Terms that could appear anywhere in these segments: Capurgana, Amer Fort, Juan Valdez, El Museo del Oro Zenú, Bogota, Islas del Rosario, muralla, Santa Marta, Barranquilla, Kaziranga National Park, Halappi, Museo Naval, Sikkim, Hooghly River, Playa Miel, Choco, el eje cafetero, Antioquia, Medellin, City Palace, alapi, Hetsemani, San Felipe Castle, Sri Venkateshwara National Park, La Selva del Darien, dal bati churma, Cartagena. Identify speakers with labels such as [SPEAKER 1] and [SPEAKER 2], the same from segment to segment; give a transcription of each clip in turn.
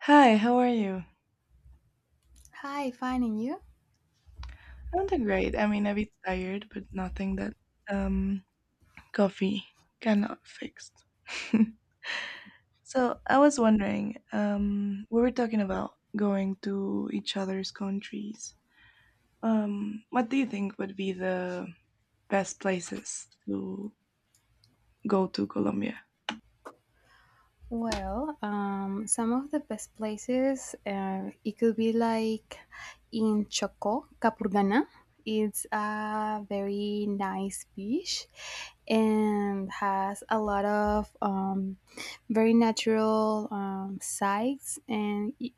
[SPEAKER 1] Hi, how are you?
[SPEAKER 2] Hi, fine finding you.
[SPEAKER 1] I'm doing great. I mean, a bit tired, but nothing that um coffee cannot fix. So I was wondering, we were talking about going to each other's countries. What do you think would be the best places to go to Colombia?
[SPEAKER 2] Well, some of the best places, it could be like in Choco, Capurgana. It's a very nice beach and has a lot of very natural sites.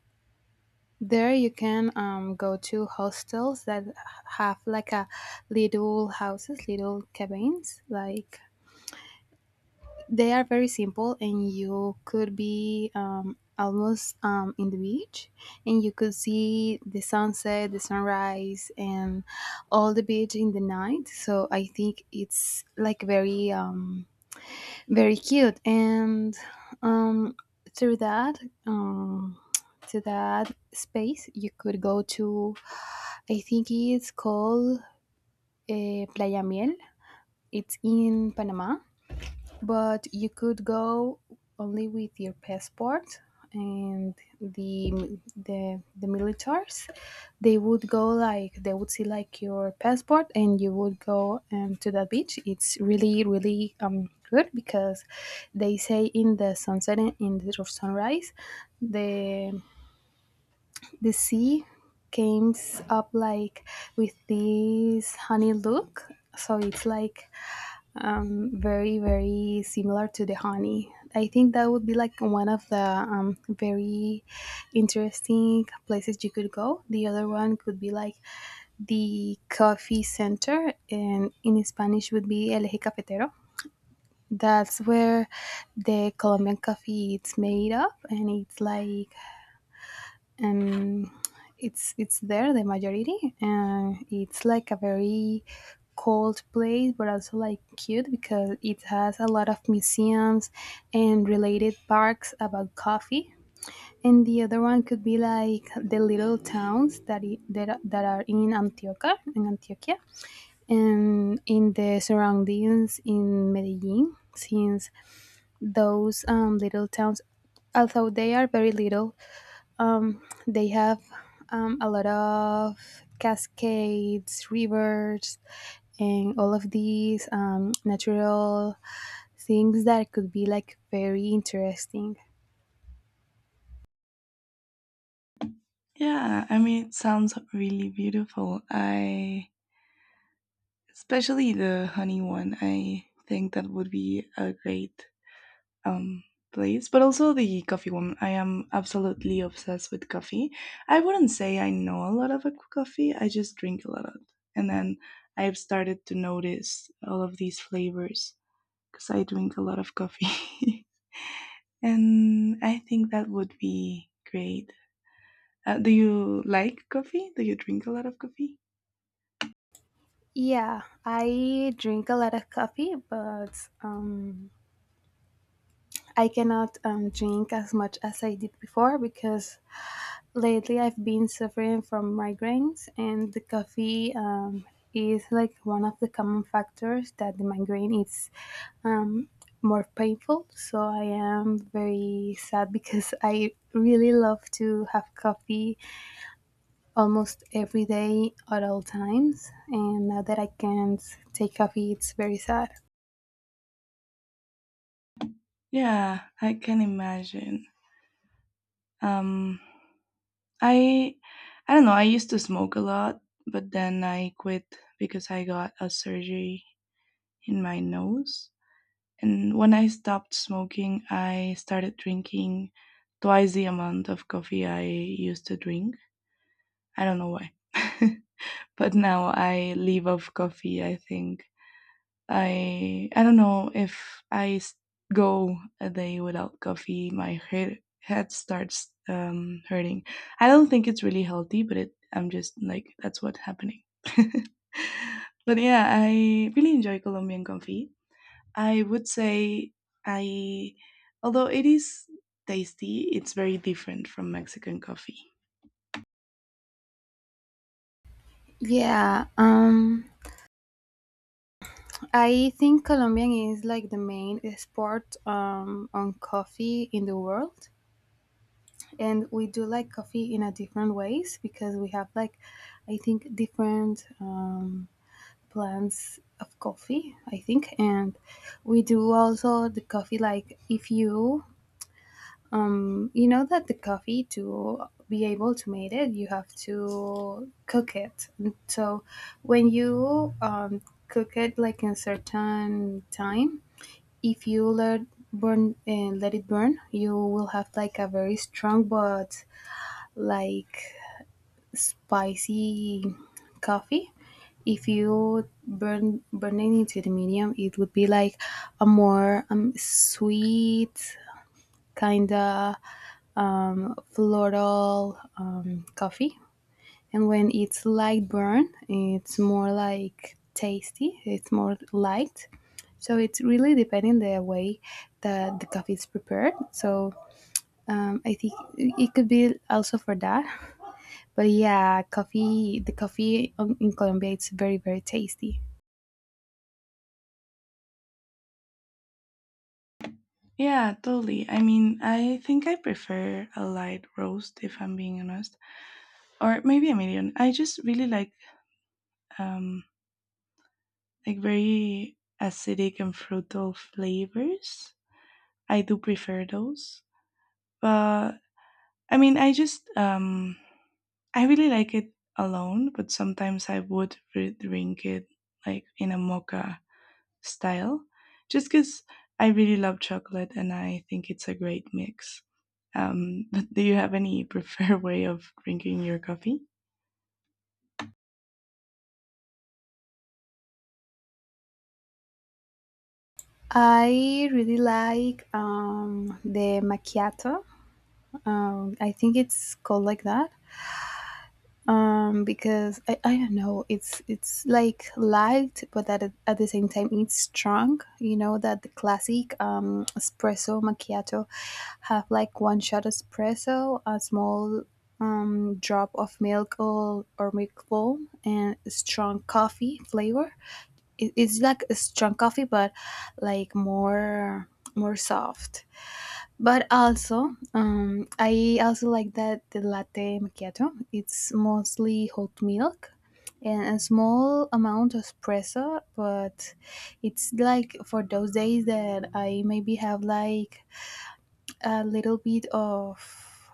[SPEAKER 2] There you can go to hostels that have like a little houses, little cabins, like they are very simple, and you could be almost in the beach, and you could see the sunset, the sunrise, and all the beach in the night. So I think it's like very, very cute. And um, through that, um, to that space, you could go to. I think it's called Playa Miel. It's in Panama, but you could go only with your passport, and the militars, they would go like they would see like your passport, and you would go to that beach. It's really really good because they say in the sunset and in the sunrise the the sea comes up like with this honey look. So it's like very very similar to the honey. I think that would be like one of the very interesting places you could go. The other one could be like the coffee center, and in Spanish would be el eje cafetero. That's where the Colombian coffee it's made of, and it's like um, it's there the majority, and it's like a very cold place but also like cute because it has a lot of museums and related parks about coffee. And the other one could be like the little towns that are in Antioquia and in the surroundings in Medellin, since those little towns, although they are very little, um, they have a lot of cascades, rivers, and all of these natural things that could be like very interesting.
[SPEAKER 1] Yeah, I mean, it sounds really beautiful. I especially the honey one. I think that would be a great um, place, but also the coffee woman. I am absolutely obsessed with coffee. I wouldn't say I know a lot of coffee, I just drink a lot of it. And then I've started to notice all of these flavors because I drink a lot of coffee. And I think that would be great. Do you like coffee? Do you drink a lot of coffee?
[SPEAKER 2] Yeah, I drink a lot of coffee, but I cannot drink as much as I did before because lately, I've been suffering from migraines, and the coffee is like one of the common factors that the migraine is um, more painful. So I am very sad because I really love to have coffee almost every day at all times, and now that I can't take coffee, it's very sad.
[SPEAKER 1] Yeah, I can imagine. Um, I I don't know. I used to smoke a lot, but then I quit because I got a surgery in my nose. And when I stopped smoking, I started drinking twice the amount of coffee I used to drink. I don't know why. But now I live off coffee, I think. I don't know if go a day without coffee, my head starts hurting. I don't think it's really healthy, but it I'm just like that's what's happening. But yeah, I really enjoy Colombian coffee. I would say I, although it is tasty, it's very different from Mexican coffee.
[SPEAKER 2] Yeah, I think Colombian is like the main export on coffee in the world. And we do like coffee in a different ways because we have like I think different plants of coffee I think. And we do also the coffee like if you you know that the coffee to be able to make it you have to cook it. And so when you cook it like in certain time, if you let burn and let it burn, you will have like a very strong but like spicy coffee. If you burning it to the medium, it would be like a more sweet kind of floral coffee. And when it's light burn, it's more like tasty. It's more light. So it's really depending the way that the coffee is prepared. So I think it could be also for that. But yeah, coffee, the coffee in Colombia, it's very, very tasty.
[SPEAKER 1] Yeah, totally. I mean, I think I prefer a light roast if I'm being honest, or maybe a medium. I just really um, like very acidic and fruital flavors. I do prefer those. But I mean, I really like it alone, but sometimes I would drink it like in a mocha style, just because I really love chocolate and I think it's a great mix. But do you have any preferred way of drinking your coffee?
[SPEAKER 2] I really like the macchiato. I think it's called like that because I don't know. It's like light, but at the same time, it's strong. You know that the classic espresso macchiato have like one shot espresso, a small drop of milk or milk foam, and strong coffee flavor. It's like a strong coffee but like more soft. But also I also like that the latte macchiato it's mostly hot milk and a small amount of espresso, but it's like for those days that I maybe have like a little bit of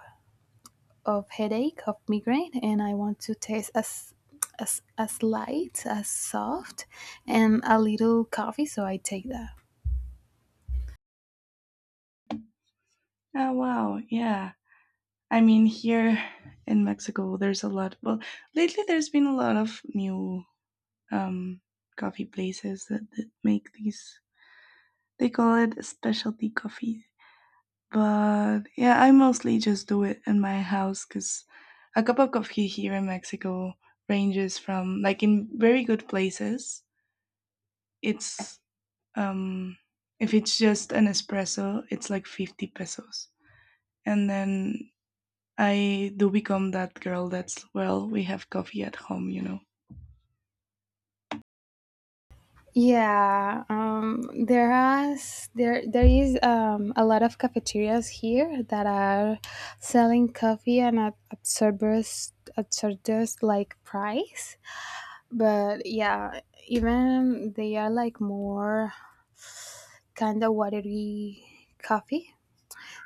[SPEAKER 2] of headache of migraine, and I want to taste as light as soft and a little coffee, so I take that.
[SPEAKER 1] Oh, wow, yeah. I mean, here in Mexico, there's a lot. Well, lately there's been a lot of new um, coffee places that make these. They call it specialty coffee. But yeah, I mostly just do it in my house because a cup of coffee here in Mexico ranges from, like, in very good places, it's, um, if it's just an espresso, it's like 50 pesos. And then I do become that girl that's, well, we have coffee at home, you know.
[SPEAKER 2] Yeah. Has there is a lot of cafeterias here that are selling coffee, and at absorbers like price, but yeah, even they are like more kind of watery coffee.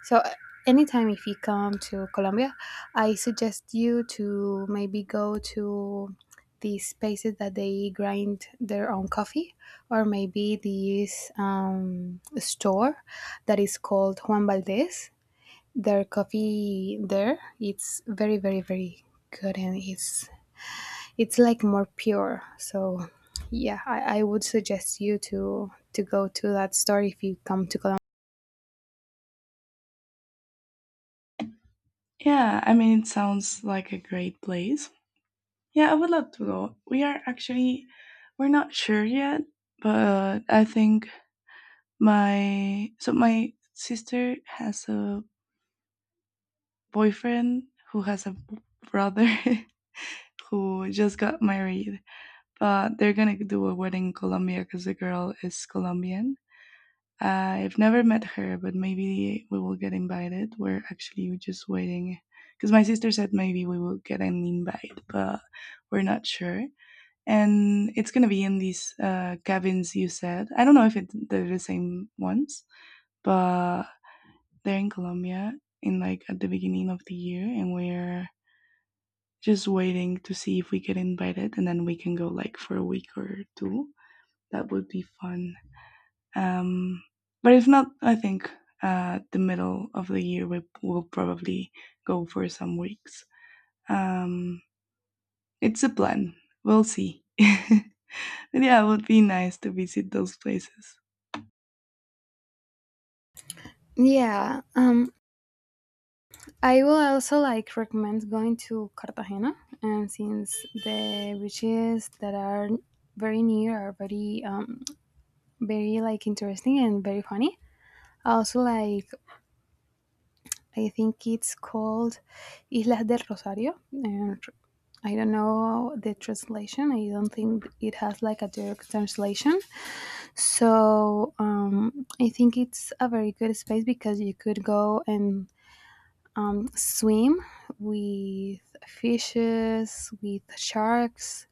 [SPEAKER 2] So anytime if you come to Colombia, I suggest you to maybe go to these places that they grind their own coffee, or maybe this store that is called Juan Valdez. Their coffee there, it's very, very, very good, and it's like more pure. So yeah, I would suggest you to go to that store if you come to Colombia.
[SPEAKER 1] Yeah, I mean, it sounds like a great place. Yeah, I would love to go. We are actually, we're not sure yet, but I think so my sister has a boyfriend who has a brother who just got married, but they're gonna do a wedding in Colombia because the girl is Colombian. I've never met her, but maybe we will get invited. We're actually just waiting because my sister said maybe we will get an invite, but we're not sure. And it's gonna be in these cabins you said. I don't know if it, they're the same ones, but they're in Colombia in like at the beginning of the year, and we're just waiting to see if we get invited and then we can go like for a week or two. That would be fun. um but if not, I think the middle of the year we will probably go for some weeks. um it's a plan. We'll see. But yeah, it would be nice to visit those places.
[SPEAKER 2] Yeah, I will also like recommend going to Cartagena, and since the beaches that are very near are very, very like interesting and very funny. I also like I think it's called Islas del Rosario, and I don't know the translation. I don't think it has like a direct translation. So I think it's a very good space because you could go and swim with fishes, with sharks,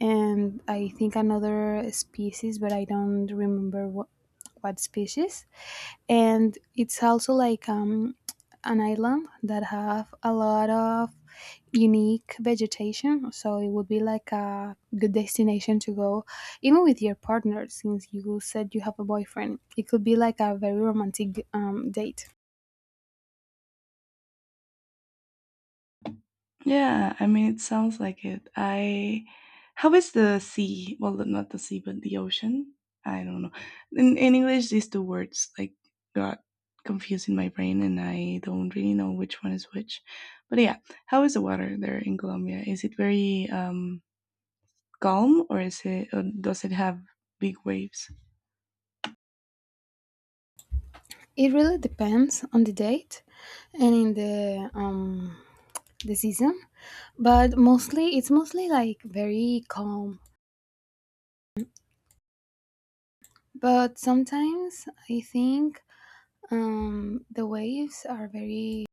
[SPEAKER 2] and I think another species, but I don't remember what species. And it's also like an island that have a lot of unique vegetation, so it would be like a good destination to go, even with your partner, since you said you have a boyfriend. It could be like a very romantic date.
[SPEAKER 1] Yeah, I mean, it sounds like it. How is the sea? Well, not the sea, but the ocean. I don't know. In English, these two words like got confused in my brain, and I don't really know which one is which. But yeah, how is the water there in Colombia? Is it very calm, or is it? Or does it have big waves?
[SPEAKER 2] It really depends on the date and in the season, but mostly it's mostly like very calm. But sometimes I think the waves are very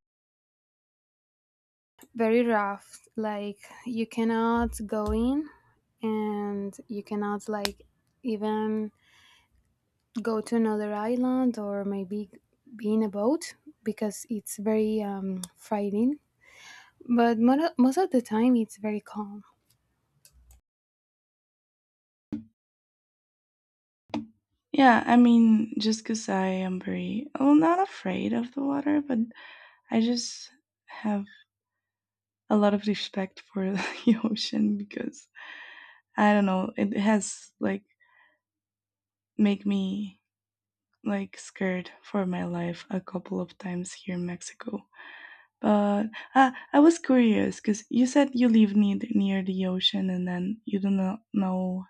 [SPEAKER 2] very rough. Like you cannot go in, and you cannot like even go to another island or maybe be in a boat because it's very frightening. But most of the time it's very calm.
[SPEAKER 1] Yeah, I mean, just because I am very, well, not afraid of the water, but I just have a lot of respect for the ocean because I don't know, it has like make me like scared for my life a couple of times here in Mexico. But I was curious because you said you live near the ocean and then you do not know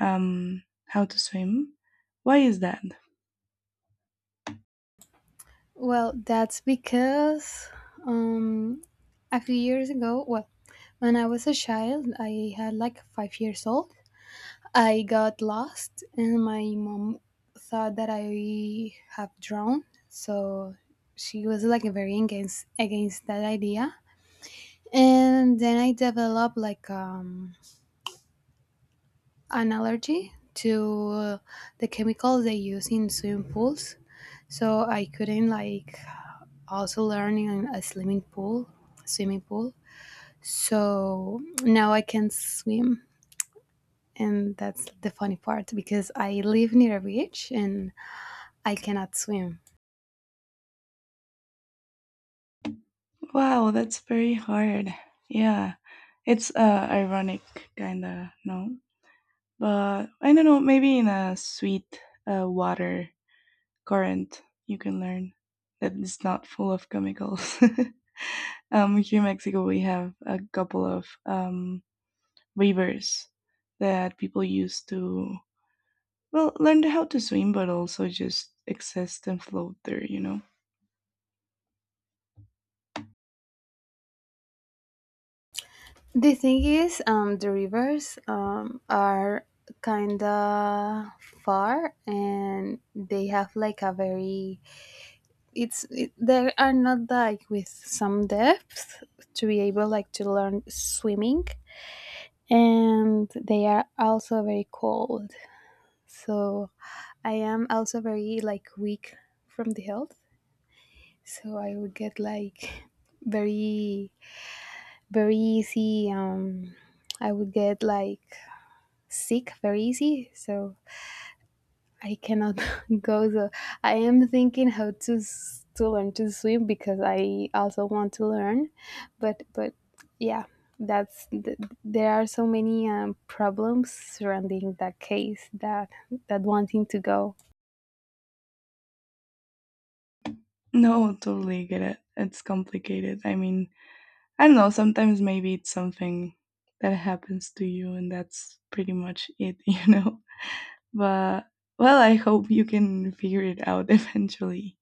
[SPEAKER 1] um how to swim. Why is that?
[SPEAKER 2] Well, that's because um, a few years ago, well, when I was a child, I had like 5 years old. I got lost, and my mom thought that I have drowned. So she was like very against that idea. And then I developed like an allergy to the chemicals they use in swimming pools. So I couldn't like also learning in a swimming pool. So now I can swim, and that's the funny part because I live near a beach and I cannot swim.
[SPEAKER 1] Wow, that's very hard. Yeah, it's ironic kinda no, but I don't know. Maybe in a sweet water current you can learn that is not full of chemicals. Here in Mexico, we have a couple of rivers that people use to well learn how to swim, but also just exist and float there. You know.
[SPEAKER 2] The thing is, the rivers are kinda far, and they have like a very they are not like with some depth to be able like to learn swimming, and they are also very cold, so I am also very like weak from the health. So I would get like very very easy. I would get like sick very easy. So I cannot go. So I am thinking how to learn to swim because I also want to learn. But yeah, that's th- there are so many problems surrounding that case that wanting to go.
[SPEAKER 1] No, totally get it. It's complicated. I mean, I don't know. Sometimes maybe it's something that happens to you, and that's pretty much it, you know? But, well, I hope you can figure it out eventually.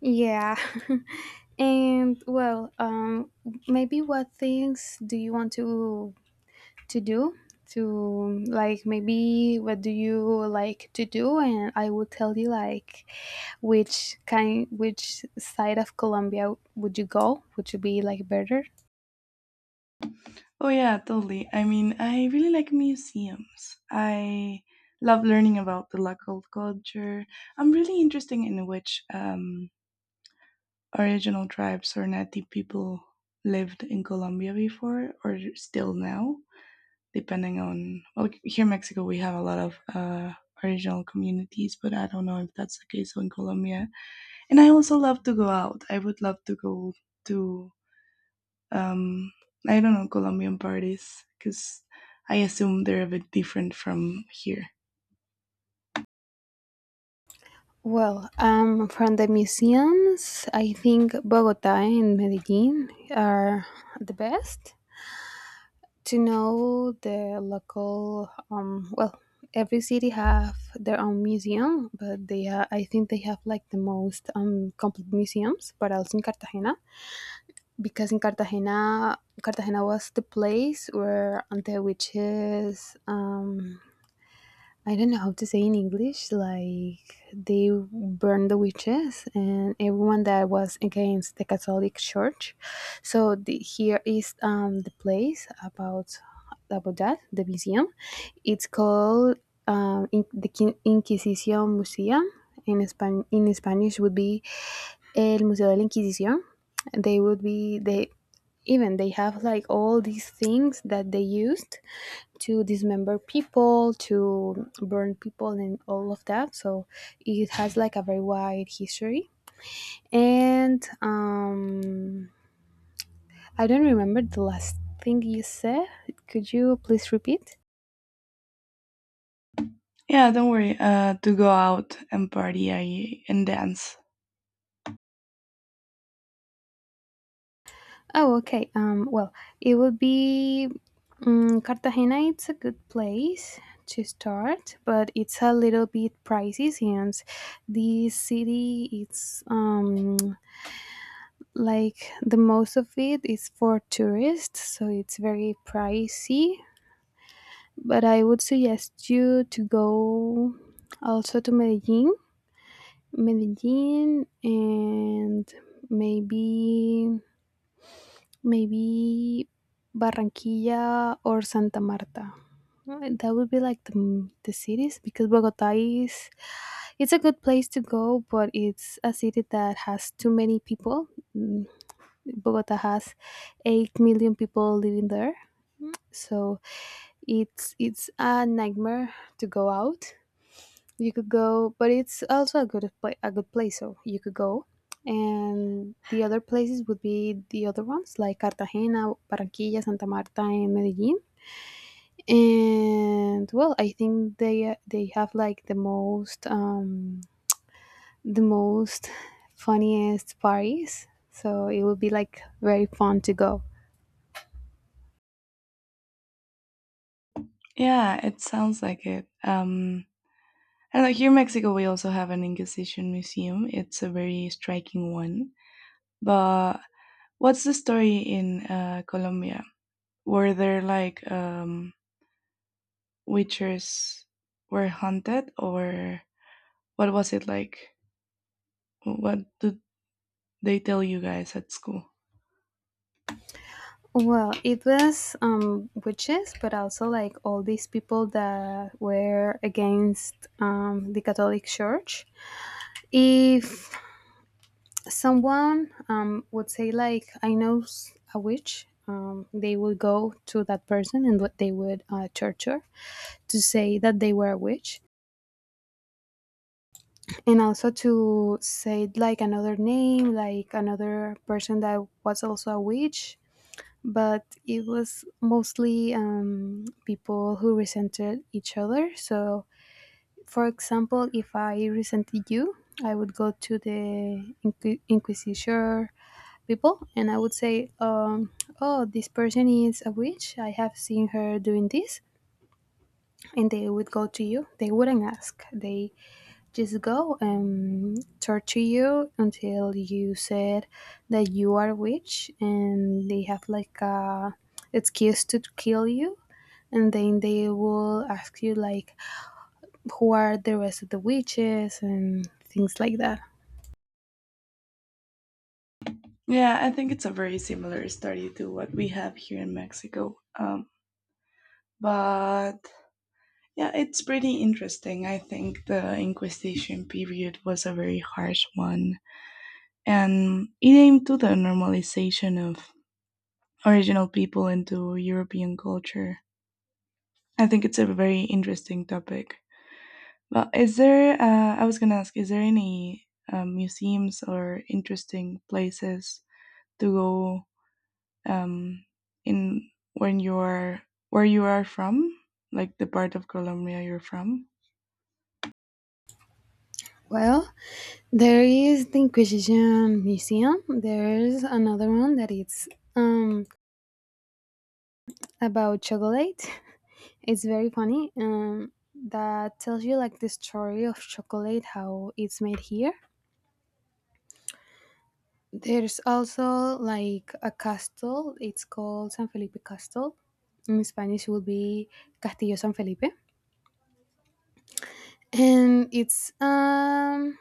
[SPEAKER 2] Yeah. And, well, maybe what things do you want to do? To like maybe what do you like to do, and I will tell you like which side of Colombia would you go? Would you be like better?
[SPEAKER 1] Oh yeah, totally. I mean, I really like museums. I love learning about the local culture. I'm really interested in which original tribes or native people lived in Colombia before or still now, depending on. Well, here in Mexico, we have a lot of original communities, but I don't know if that's the case in Colombia. And I also love to go out. I would love to go to um, I don't know Colombian parties because I assume they're a bit different from here.
[SPEAKER 2] Well, from the museums, I think Bogota and Medellin are the best to know the local. Well, every city have their own museum, but I think they have like the most complete museums, but also in Cartagena, because in cartagena Cartagena was the place where the witches, I don't know how to say in English, like they burned the witches and everyone that was against the Catholic Church. So the, here is the place about that, the museum. It's called in, the Inquisition Museum. In Spanish would be El Museo de la Inquisición. They would be they even they have like all these things that they used to dismember people, to burn people, and all of that. So it has like a very wide history. And I don't remember the last thing you said. Could you please repeat?
[SPEAKER 1] Yeah, don't worry. To go out and party and dance.
[SPEAKER 2] Oh, okay. Well, it would be Cartagena. It's a good place to start, but it's a little bit pricey since the city it's like the most of it is for tourists, so it's very pricey, but I would suggest you to go also to Medellin and maybe maybe Barranquilla or Santa Marta. Right, that would be like the cities because bogota is it's a good place to go, but it's a city that has too many people. Mm, Bogota has 8 million people living there. So it's a nightmare to go out. You could go, but it's also a a good place, so you could go. And the other places would be the other ones like Cartagena, Barranquilla, Santa Marta, and Medellin. And, well, I think they have like the most funniest parties. So it would be like very fun to go.
[SPEAKER 1] Yeah, it sounds like it. I don't know. Here in Mexico, we also have an Inquisition museum. It's a very striking one. But what's the story in Colombia? Were there like witches were hunted, or what was it like? What do they tell you guys at school.
[SPEAKER 2] Well, it was witches, but also like all these people that were against the Catholic Church. If someone would say like, "I know a witch," they would go to that person and what they would torture to say that they were a witch, and also to say like another name, like another person that was also a witch, but it was mostly people who resented each other. So, for example, if I resented you, I would go to the Inquisitor people and I would say, oh, this person is a witch. I have seen her doing this. And they would go to you. They wouldn't ask. They just go and torture you until you said that you are a witch and they have like a excuse to kill you, and then they will ask you like who are the rest of the witches and things like that.
[SPEAKER 1] Yeah, I think it's a very similar study to what we have here in Mexico. But yeah, it's pretty interesting. I think the Inquisition period was a very harsh one, and it aimed to the normalization of original people into European culture. I think it's a very interesting topic. Well, is there? I was gonna ask, is there any museums or interesting places to go um in when you're where you are from, like the part of Colombia you're from?
[SPEAKER 2] Well, there is the inquisition museum. There's another one that it's um about chocolate. It's very funny, that tells you like the story of chocolate, how it's made here. There's also like a castle. It's called San Felipe Castle. In Spanish, it will be Castillo San Felipe, and it's um,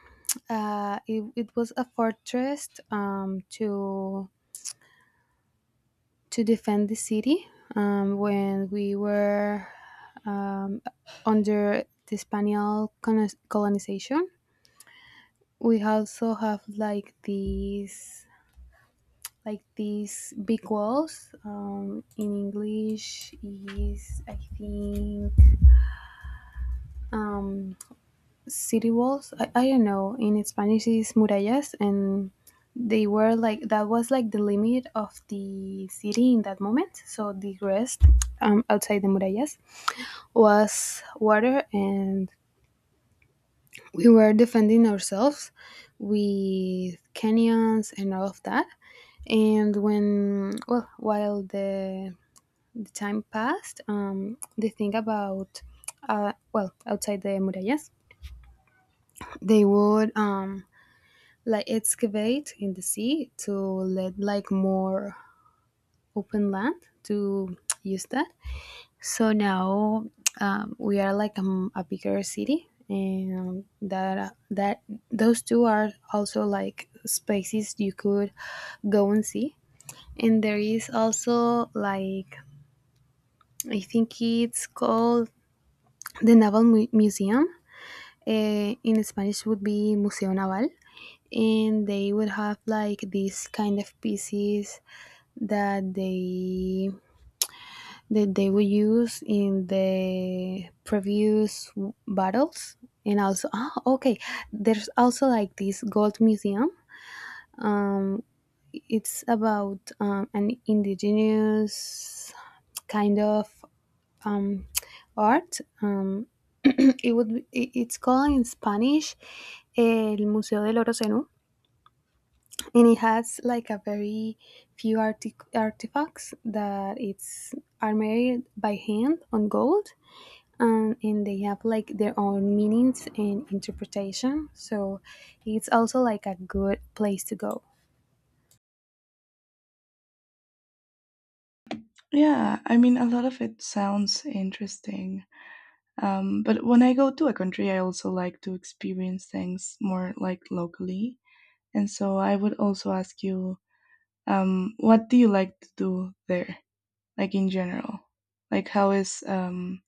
[SPEAKER 2] uh, it, it was a fortress to defend the city when we were um under the Spanish colonization. We also have like these big walls. In English is, I think, um, city walls. I don't know, in Spanish is murallas, and they were like, that was like the limit of the city in that moment, so the rest, outside the murallas, was water, and we were defending ourselves with canyons and all of that. And when, well, while the time passed, the thing about, well, outside the murallas, they would, like excavate in the sea to let like more open land to use that. So now, we are like a bigger city, and that those two are also like spaces you could go and see. And there is also like, I think it's called The Museum, eh, in Spanish would be Museo Naval, and they would have like these kind of pieces that they that they would use in the previous battles. And also, ah, okay, there's also like this gold museum. Um, it's about an indigenous kind of art. It would be, it's called in Spanish El Museo del Oro Zenú, and it has like a very few artifacts that it's are made by hand on gold, and they have like their own meanings and interpretation. So it's also like a good place to go.
[SPEAKER 1] Yeah, I mean a lot of it sounds interesting. But when I go to a country I also like to experience things more like locally, and so I would also ask you, what do you like to do there, like in general, like how is,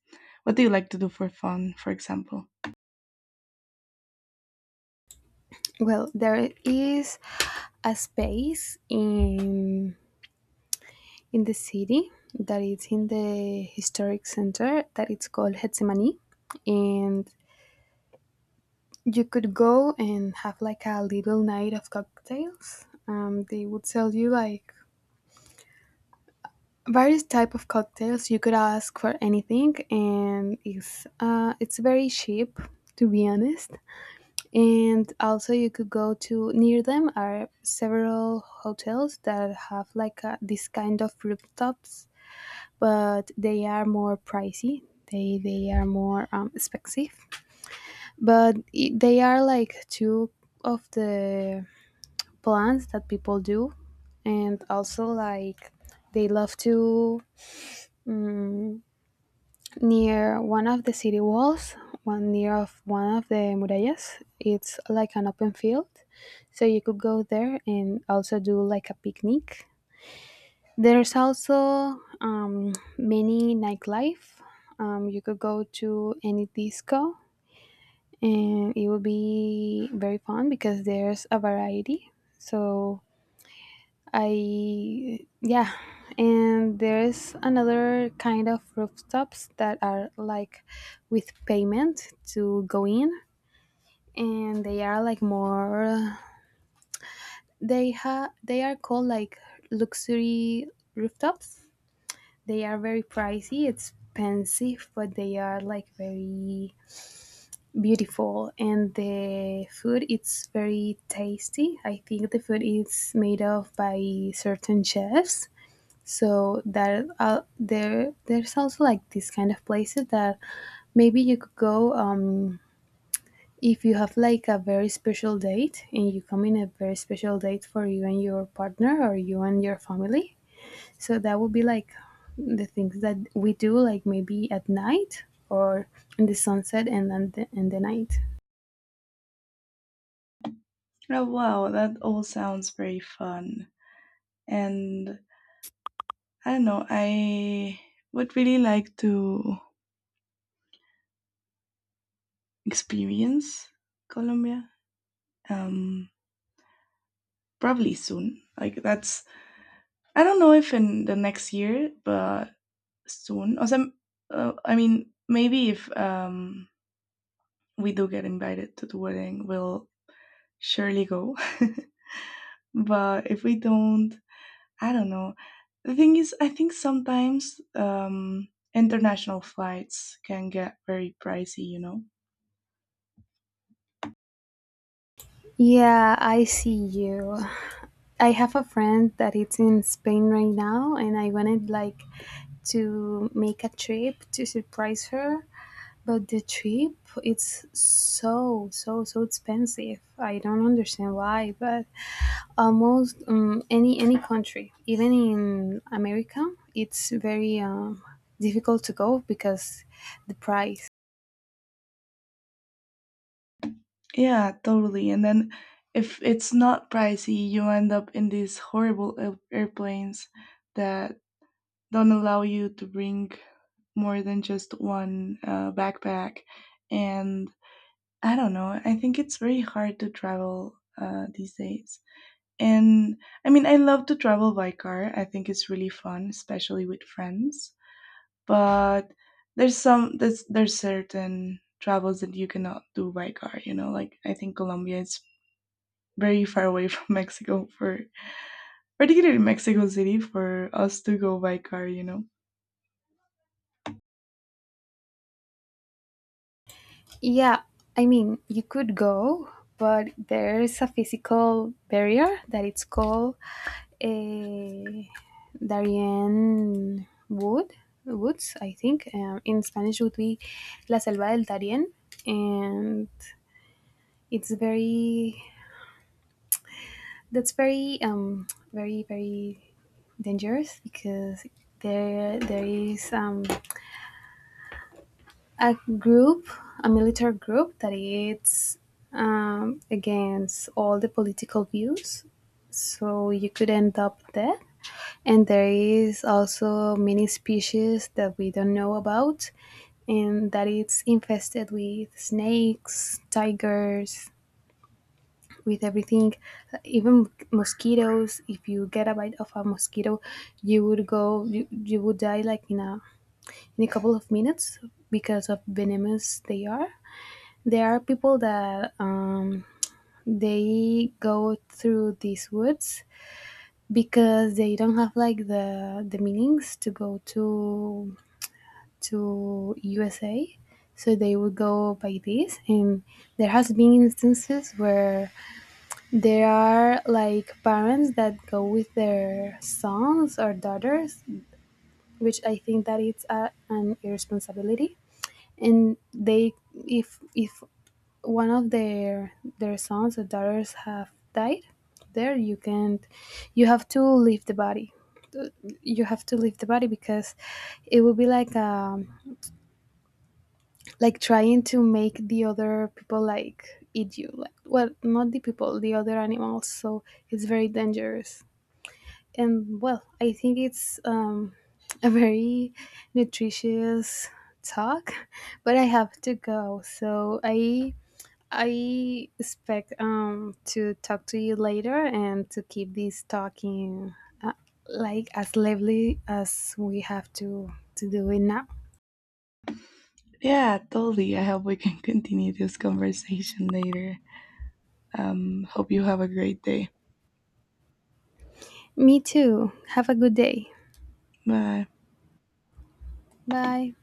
[SPEAKER 1] what do you like to do for fun, for example?
[SPEAKER 2] Well, there is a space in the city that is in the historic center that it's called Hetsemani, and you could go and have like a little night of cocktails. They would sell you like various type of cocktails. You could ask for anything, and it's very cheap, to be honest. And also, you could go to near them are several hotels that have like a, this kind of rooftops, but they are more pricey. They are more expensive, but they are like two of the plans that people do. And also like, they love to, mm, near one of the city walls, one near of one of the murallas, it's like an open field, so you could go there and also do like a picnic. There's also, many nightlife, you could go to any disco, and it would be very fun because there's a variety. So I, yeah, and there is another kind of rooftops that are like with payment to go in, and they are like more, they are called like luxury rooftops. They are very pricey, expensive, but they are like very beautiful, and the food it's very tasty. I think the food is made of by certain chefs. So that are there's also like this kind of places that maybe you could go, if you have like a very special date, and you come in a very special date for you and your partner or you and your family. So that would be like the things that we do, like maybe at night or in the sunset and then in the night.
[SPEAKER 1] Oh wow, that all sounds very fun. And I don't know. I would really like to experience Colombia. Um, probably soon. Like that's I don't know if in the next year, but soon. Or some, I mean, maybe if we do get invited to the wedding, we'll surely go. But if we don't, I don't know. The thing is, I think sometimes international flights can get very pricey. You know.
[SPEAKER 2] Yeah, I see you. I have a friend that it's in Spain right now, and I wanted like to make a trip to surprise her, but the trip it's so so so expensive. I don't understand why, but almost any country, even in America, it's very difficult to go because the price.
[SPEAKER 1] Yeah, totally. And then if it's not pricey, you end up in these horrible airplanes that don't allow you to bring more than just one backpack. And I don't know, I think it's very hard to travel these days. And I mean, I love to travel by car. I think it's really fun, especially with friends. But there's some there's certain travels that you cannot do by car, you know, like I think Colombia is very far away from Mexico for particularly Mexico City for us to go by car, you know.
[SPEAKER 2] Yeah, I mean, you could go, but there's a physical barrier that it's called a Darien Wood, Woods, I think. In Spanish would be La Selva del Darien, and it's very, that's very very very dangerous, because there is a group, a military group that is against all the political views. So you could end up there. And there is also many species that we don't know about, and that it's infested with snakes, tigers, with everything, even mosquitoes. If you get a bite of a mosquito, you would go, you would die like in a couple of minutes because of venomous they are. There are people that they go through these woods because they don't have like the meanings to go to USA. So they would go by this, and there has been instances where there are like parents that go with their sons or daughters, which I think that it's a, an irresponsibility. And they, if one of their sons or daughters have died there, you can't, you have to leave the body. Uh, you have to leave the body because it would be like, like trying to make the other people like eat you, like, well, not the people, the other animals. So it's very dangerous. And well, I think it's a very nutritious talk but I have to go, so I expect to talk to you later and to keep this talking, uh, like as lively as we have to do it now.
[SPEAKER 1] Yeah, totally. I hope we can continue this conversation later. Hope you have a great day.
[SPEAKER 2] Me too. Have a good day.
[SPEAKER 1] Bye.
[SPEAKER 2] Bye.